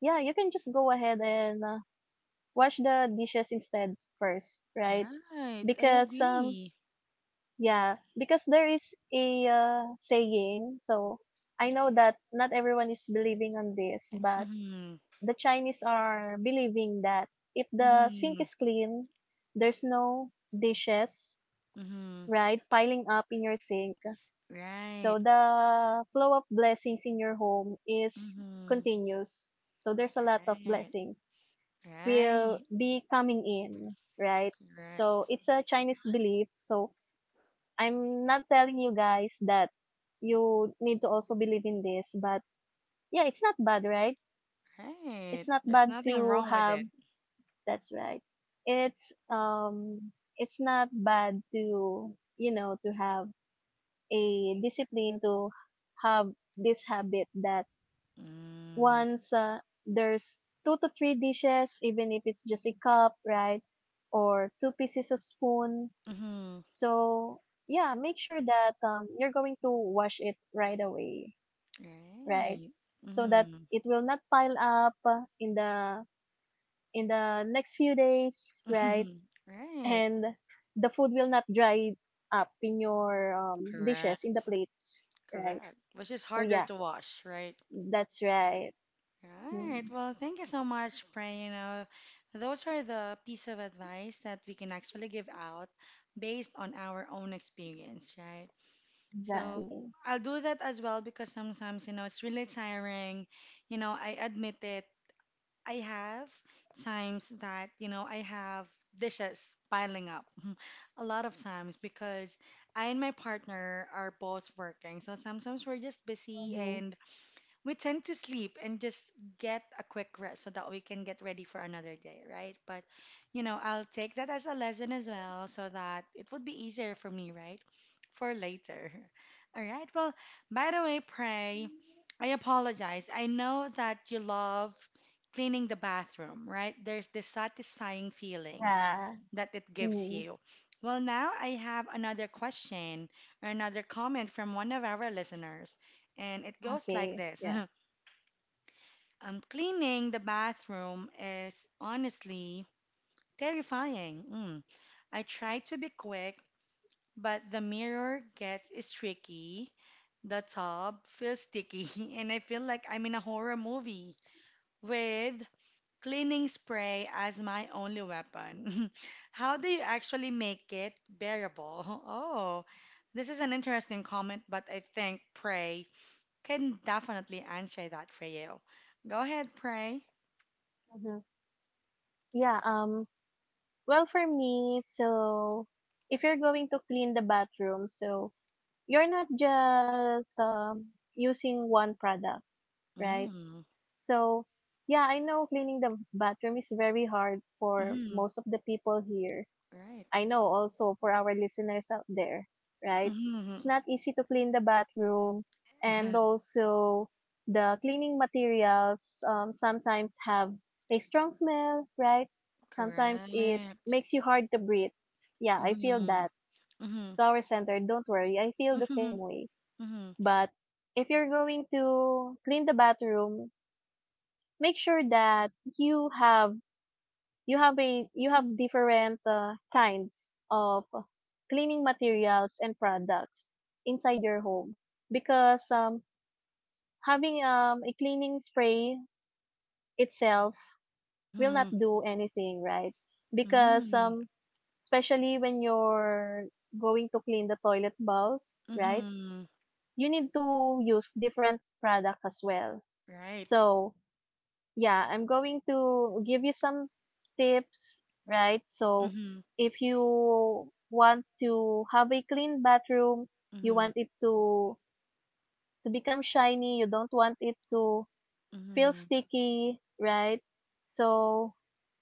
yeah, you can just go ahead and wash the dishes instead first, right?
Right, I
Because
agree.
yeah, because there is a saying, so I know that not everyone is believing on this, but
Mm-hmm.
the Chinese are believing that if the sink
Mm-hmm.
is clean, there's no dishes,
Mm-hmm.
right, piling up in your sink.
Right.
So the flow of blessings in your home is
Mm-hmm.
continuous. So there's a lot of
Right,
blessings will
right,
be coming in, right? So
correct.
it's a Chinese belief. So I'm not telling you guys that you need to also believe in this, but yeah, it's not bad, right?
Right,
It's not
there's
bad
nothing
to
wrong with
have.
it.
That's right. It's um it's not bad to, you know, to have a discipline to have this habit that
Mm-hmm.
once there's two to three dishes even if it's just a cup, right? Or two pieces of spoon. So yeah, make sure that you're going to wash it right away, right?
Right.
So that
Mm-hmm.
it will not pile up in the next few days, right?
(laughs) Right.
And the food will not dry up in your dishes in the
Correct.
plates, right?
Correct. Which is
So
harder
yeah,
to wash, right?
that's right.
Right.
Mm,
Well, thank you so much, Pray. You know, those are the piece of advice that we can actually give out based on our own experience, right? So
exactly.
I'll do that as well, because sometimes, it's really tiring. You know, I admit it. I have times that, I have dishes piling up (laughs) a lot of times because I and my partner are both working. So sometimes we're just busy,
Mm-hmm.
and we tend to sleep and just get a quick rest so that we can get ready for another day, right? But, I'll take that as a lesson as well so that it would be easier for me, right? For later. (laughs) All right. Well, by the way, Pray, I apologize. I know that you love cleaning the bathroom, right? There's this satisfying feeling
Yeah.
that it gives
Mm,
you. Well, now I have another question or another comment from one of our listeners. And it goes like
okay.
this.
Yeah.
(laughs) Cleaning the bathroom is honestly terrifying. Mm. I try to be quick, but the mirror gets streaky, the tub feels sticky, (laughs) and I feel like I'm in a horror movie with cleaning spray as my only weapon. (laughs) How do you actually make it bearable? (laughs) Oh, this is an interesting comment, but I think Pray can definitely answer that for you. Go ahead, Pray.
Mm-hmm. Yeah, um well, for me, so if you're going to clean the bathroom, so you're not just using one product, right? So, yeah, I know cleaning the bathroom is very hard for
Mm-hmm.
most of the people here.
Right.
I know also for our listeners out there, right? It's
Mm-hmm.
not easy to clean the bathroom and
(laughs)
also the cleaning materials sometimes have a strong smell, right? Sometimes it
Correct.
makes you hard to breathe. Yeah, I feel
Mm-hmm.
that.
Mm-hmm.
To our center, don't worry, I feel the
Mm-hmm.
same way.
Mm-hmm.
But if you're going to clean the bathroom, make sure that you have you have a you have different kinds of cleaning materials and products inside your home because having a cleaning spray itself will not
Mm-hmm.
do anything right because
Mm-hmm.
especially when you're going to clean the toilet bowls right
Mm-hmm.
you need to use different products as well
Right.
so yeah, I'm going to give you some tips, right? So,
Mm-hmm.
if you want to have a clean bathroom, you
Mm-hmm.
want it to become shiny, you don't want it to feel
Mm-hmm.
sticky, right? So,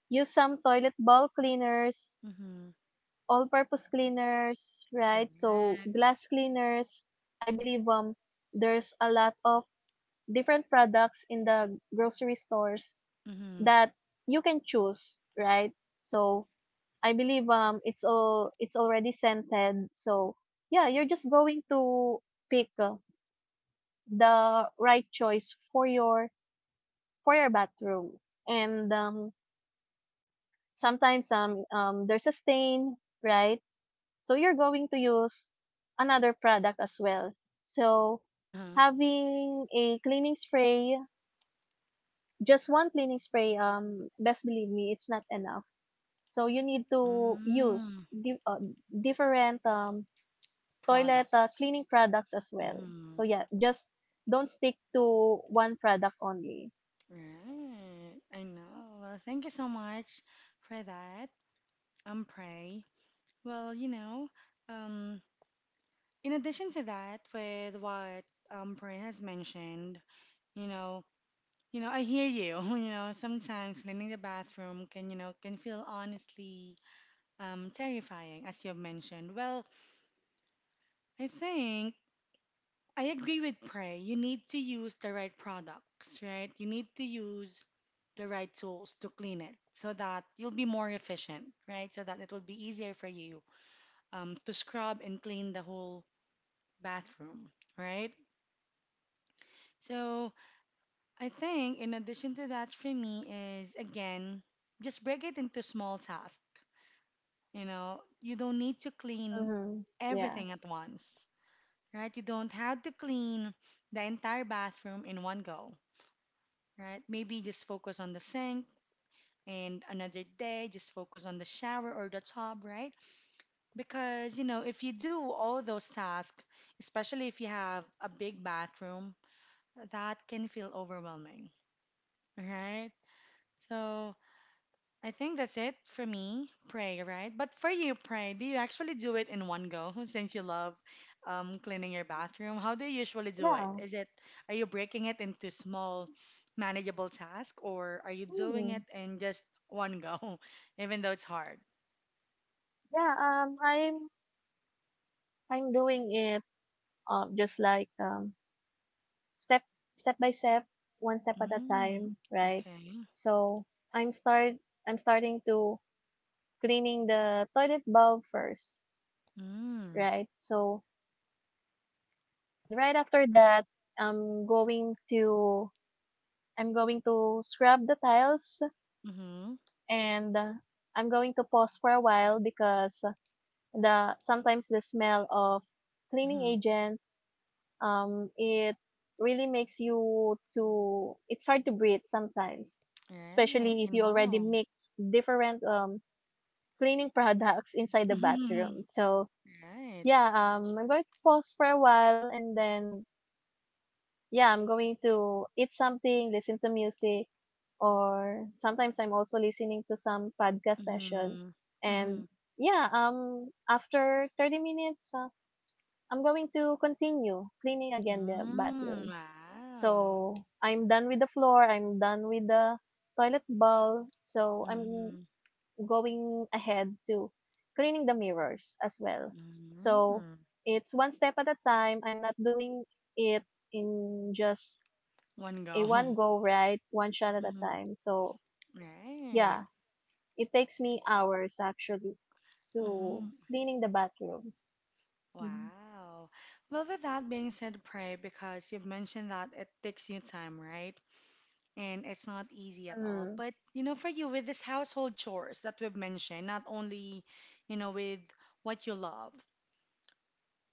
use some toilet bowl cleaners,
Mm-hmm.
all-purpose cleaners, right? So,
Correct.
glass cleaners. I believe there's a lot of different products in the grocery stores
Mm-hmm.
that you can choose, right? So I believe it's all it's already scented. So yeah, you're just going to pick the right choice for your bathroom. And sometimes there's a stain, right? So you're going to use another product as well. So
(laughs)
having a cleaning spray, just one cleaning spray, best believe me, it's not enough So you need to use
Mm-hmm.
di- different toilet
Products.
cleaning products as well.
Mm-hmm.
So yeah, just don't stick to one product only.
Right. I know. Well, thank you so much for that. Pray. Well, um, in addition to that, with what Bryn has mentioned, you know, I hear you. (laughs) You know, sometimes cleaning the bathroom can, can feel honestly terrifying, as you've mentioned. Well, I think I agree with Prey. You need to use the right products, right? You need to use the right tools to clean it so that you'll be more efficient, right? So that it will be easier for you to scrub and clean the whole bathroom, right? So, I think, in addition to that, for me, is again, just break it into small tasks. You know, you don't need to clean
Mm-hmm. Yeah.
everything at once, right? You don't have to clean the entire bathroom in one go, right? Maybe just focus on the sink, and another day just focus on the shower or the tub, right? Because, if you do all those tasks, especially if you have a big bathroom, that can feel overwhelming, right? So, I think that's it for me, pray, right? But for you, pray, do you actually do it in one go (laughs) since you love cleaning your bathroom? How do you usually do it?
Yeah.
Is it, are you breaking it into small, manageable tasks, or are you doing
Hmm.
it in just one go, (laughs) even though it's hard?
Yeah, I'm doing it just like step step by step, one step at a
Mm,
time, right?
okay.
So I'm start I'm starting to cleaning the toilet bowl first,
Mm,
right? And right after that, I'm going to I'm going to scrub the tiles
mm-hmm,
and I'm going to pause for a while because the sometimes the smell of cleaning
mm-hmm.
agents it really makes you to it's hard to breathe sometimes,
Right,
especially
I
if you already
know.
mix different cleaning (laughs) products inside the bathroom.
(laughs)
So
Right.
yeah, I'm going to pause for a while and then yeah, I'm going to eat something, listen to music, or sometimes I'm also listening to some podcast session.
Mm-hmm, mm-hmm.
And yeah, after 30 minutes, I'm going to continue cleaning again the
Mm,
bathroom.
wow.
So I'm done with the floor. I'm done with the toilet bowl. So I'm
Mm-hmm.
going ahead to cleaning the mirrors as well. So
Mm,
it's one step at a time. I'm not doing it in just
one
a one
go.
go, right, one shot
(laughs)
at a
Hmm.
time. So yeah,
Right.
it takes me hours actually to
Hmm.
cleaning the bathroom. Mhm.
Wow. Well, with that being said, pray, because you've mentioned that it takes you time, right? And it's not easy at all.
Mm-hmm.
But, for you, with this household chores that we've mentioned, not only, with what you love,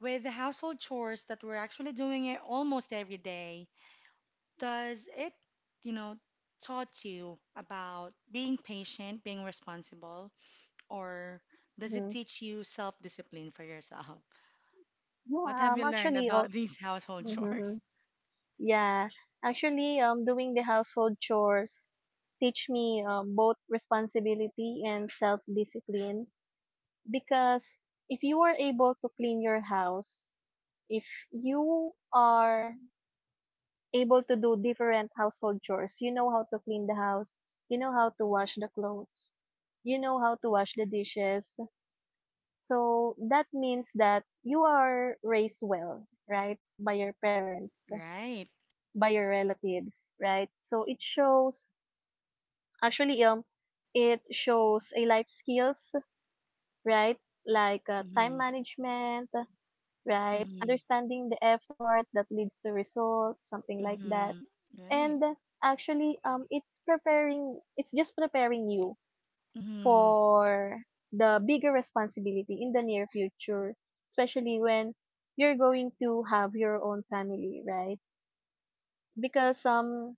with the household chores that we're actually doing it almost every day, does it, you know, taught you about being patient, being responsible? Or does it teach you self discipline for yourself? (laughs)
No,
What have you learned
actually,
about
oh,
these household chores?
mhm,
(laughs)
yeah, actually, doing the household chores teach me both responsibility and self discipline because if you are able to clean your house, if you are able to do different household chores. You know how to clean the house. You know how to wash the clothes. You know how to wash the dishes. So that means that you are raised well, right? By your parents,
Right.
by your relatives, right? So it shows, actually, it shows a life skills, right? Like time
Mm-hmm.
management, right?
Mm-hmm.
Understanding the effort that leads to results, something like that.
Mm-hmm. Right.
And actually, it's just preparing you
Mm-hmm.
for the bigger responsibility in the near future, especially when you're going to have your own family, right? Because um,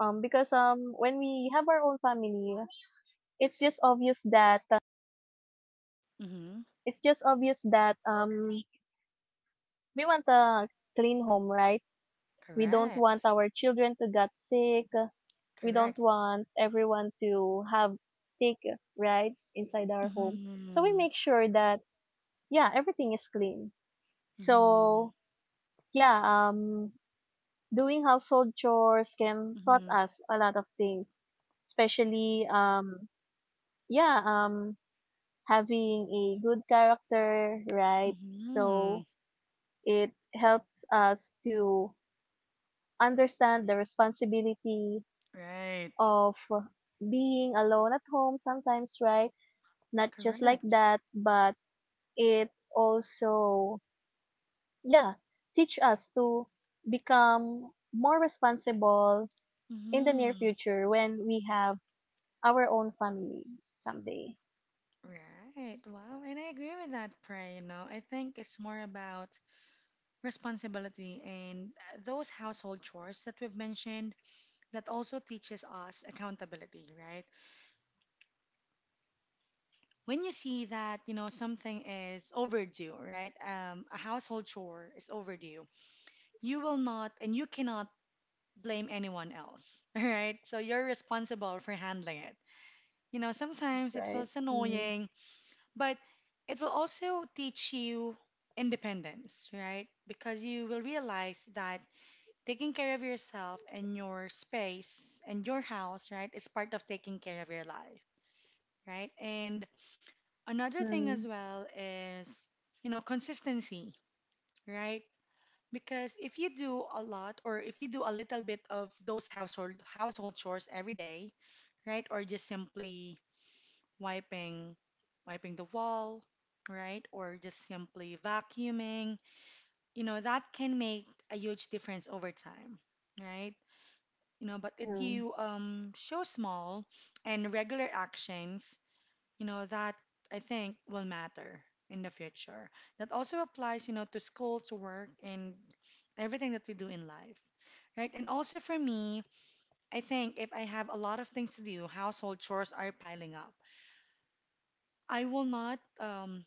because when we have our own family, it's just obvious that
Mm-hmm.
it's just obvious that we want a clean home, right? We don't want
Correct.
our children to get sick. We don't
Correct.
want everyone to have sick, right, inside our home. So we
Mm-hmm.
make sure that, yeah, everything is clean.
Mm-hmm.
So, yeah, doing household chores can taught
Mm-hmm.
us a lot of things, especially, yeah, having a good character, right?
Mm-hmm.
So it helps us to understand the responsibility
Right.
of being alone at home sometimes, right? Not just like
Correct.
that, but it also, yeah, teach us to become more responsible in the near
Mm-hmm.
future when we have our own family someday.
Right. Wow. And I agree with that, Pray. You know, I think it's more about responsibility, and those household chores that we've mentioned that also teaches us accountability, right? When you see that, something is overdue, right? A household chore is overdue, you will not and you cannot blame anyone else, (laughs) right? So you're responsible for handling it. You know,
That's
sometimes it
right.
feels
Mm-hmm.
annoying, but it will also teach you independence, right? Because you will realize that taking care of yourself and your space and your house, right, is part of taking care of your life, right? And another thing
Mm-hmm.
as well is, you know, consistency, right? Because if you do a lot or if you do a little bit of those household chores every day, right? Or just simply wiping wiping the wall, right? Or just simply vacuuming, you know, that can make a huge difference over time, right? You know, but if
Mm-hmm.
you show small and regular actions, you know that, I think, will matter in the future. That also applies, you know, to school, to work, and everything that we do in life, right? And also for me, I think if I have a lot of things to do, household chores are piling up, I will not, um,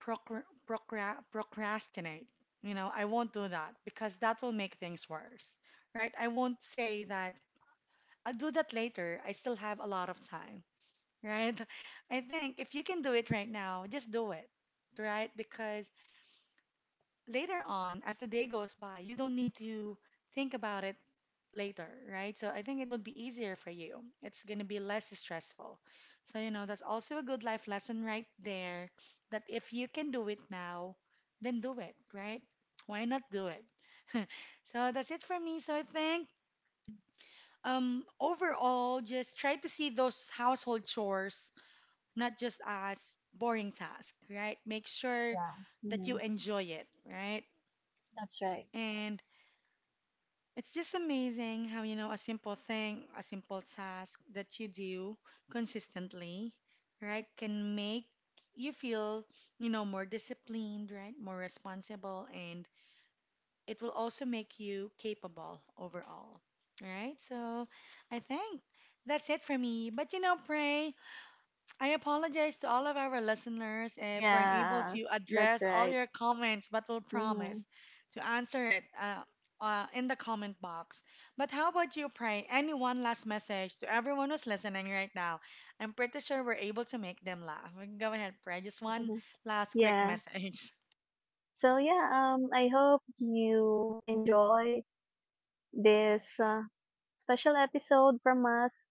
procra- procra- procrastinate. You know, I won't do that because that will make things worse, right? I won't say that I'll do that later, I still have a lot of time, right? I think if you can do it right now, just do it, right? Because later on, as the day goes by, you don't need to think about it later, right? So I think it would be easier for you. It's going to be less stressful. So, you know, that's also a good life lesson right there, that if you can do it now, then do it, right? Why not do it? (laughs) So that's it for me. So I think,
Mm.
overall, just try to see those household chores not just as boring task, right? Make sure
Yeah.
that you
Mhm.
enjoy it, right?
That's right.
And it's just amazing how, you know, a simple thing, a simple task that you do consistently, right, can make you feel, you know, more disciplined, right, more responsible, and it will also make you capable overall, right? So I think that's it for me. But, you know, pray. I apologize to all of our listeners if we're unable
Yeah,
to
that's
address all
right.
your comments, but we'll
Mm-hmm.
promise to answer it, in the comment box. But how about you, Pray? Any one last message to everyone who's listening right now? I'm pretty sure we're able to make them laugh. Go ahead, Pray. Just one
(laughs)
last quick
Yeah.
message. (laughs)
So yeah, I hope you enjoy this special episode from us.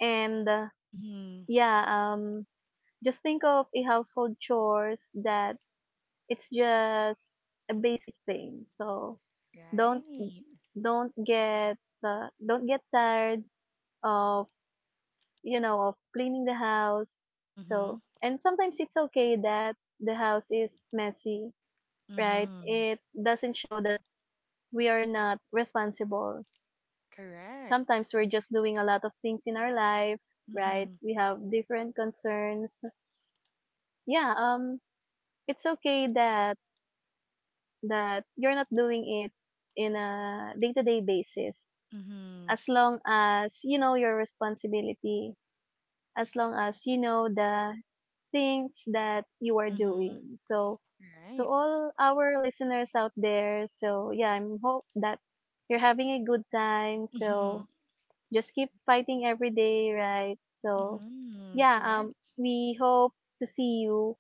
And
Mm-hmm.
yeah, just think of a household chores that it's just a basic thing. So don't
Right.
don't get don't get tired of you know, of cleaning the house.
Mm-hmm.
So, and sometimes it's okay that the house is messy, right?
Mm-hmm.
It doesn't show that we are not responsible. Sometimes
Correct.
we're just doing a lot of things in our life, right?
Mm-hmm.
We have different concerns. Yeah, it's okay that you're not doing it in a day-to-day basis
Mm-hmm.
as long as you know your responsibility, as long as you know the things that you are
Mm-hmm.
doing. So, to
Right.
all our listeners out there, so yeah, I'm hope that you're having a good time.
Mm-hmm.
So, just keep fighting every day, right? So,
Mm-hmm.
yeah,
Correct.
we hope to see you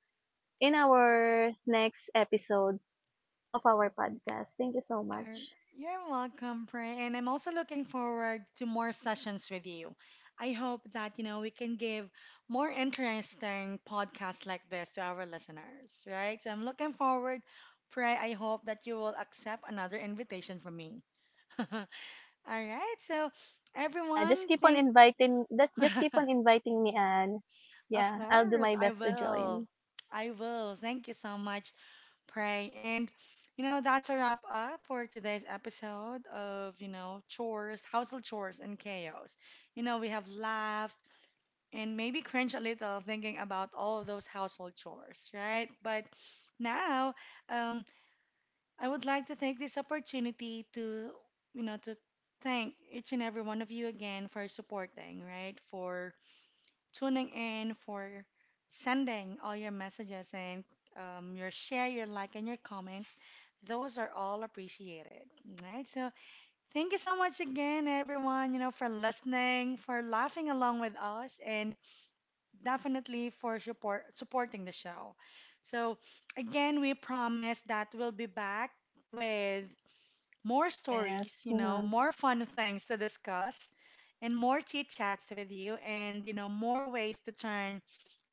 in our next episodes of our podcast. Thank you so
Er,
much.
You're welcome, Pray. And I'm also looking forward to more sessions with you. I hope that, you know, we can give more interesting podcasts like this to our listeners, right? So I'm looking forward, Pray. I hope that you will accept another invitation from me. (laughs) All right. So,
Yeah, just
everyone,
keep on
thank (laughs)
inviting that just keep on inviting me, Anne.
Of
Yeah, I'll do
course,
my
I
best to
will.
join.
I will. Thank you so much. Pray. And, you know, that's a wrap up for today's episode of, you know, chores, household chores, and chaos. You know, we have laughed and maybe cringe a little thinking about all of those household chores, right? But now, um, I would like to take this opportunity to, you know, to thank each and every one of you again for supporting, right? For tuning in, for sending all your messages and, your share, your like, and your comments. Those are all appreciated. Right? So thank you so much again, everyone, you know, for listening, for laughing along with us, and definitely for supporting the show. So again, we promise that we'll be back with more stories,
Yes.
you know,
Mhm.
more fun things to discuss, and more chit chats with you, and you know, more ways to turn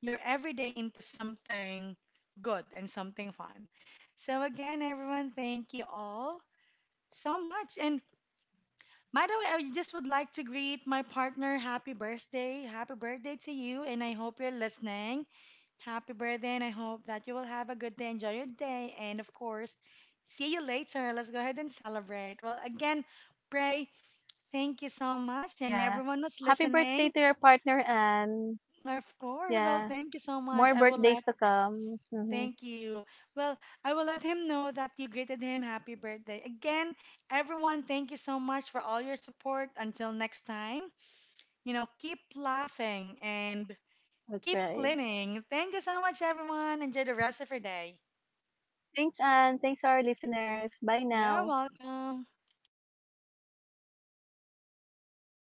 your everyday into something good and something fun. So, again, everyone, thank you all so much. And by the way, I just would like to greet my partner. Happy birthday. Happy birthday to you. And I hope you're listening. Happy birthday. And I hope that you will have a good day. Enjoy your day. And of course, see you later. Let's go ahead and celebrate. Well, again, pray. Thank you so much. And
Yeah.
everyone who's
Happy birthday
listening,
to your partner, Anne.
of course. Well,
Yeah.
thank you so much.
More
I will
birthdays
let.
to come. Mhm.
Thank you. Well, I will let him know that you greeted him. Happy birthday. Again, everyone, thank you so much for all your support. Until next time, you know, keep laughing and
That's
keep
right.
cleaning. Thank you so much, everyone. Enjoy the rest of your day.
Thanks, Anne. Thanks, our listeners. Bye
You're
now.
welcome.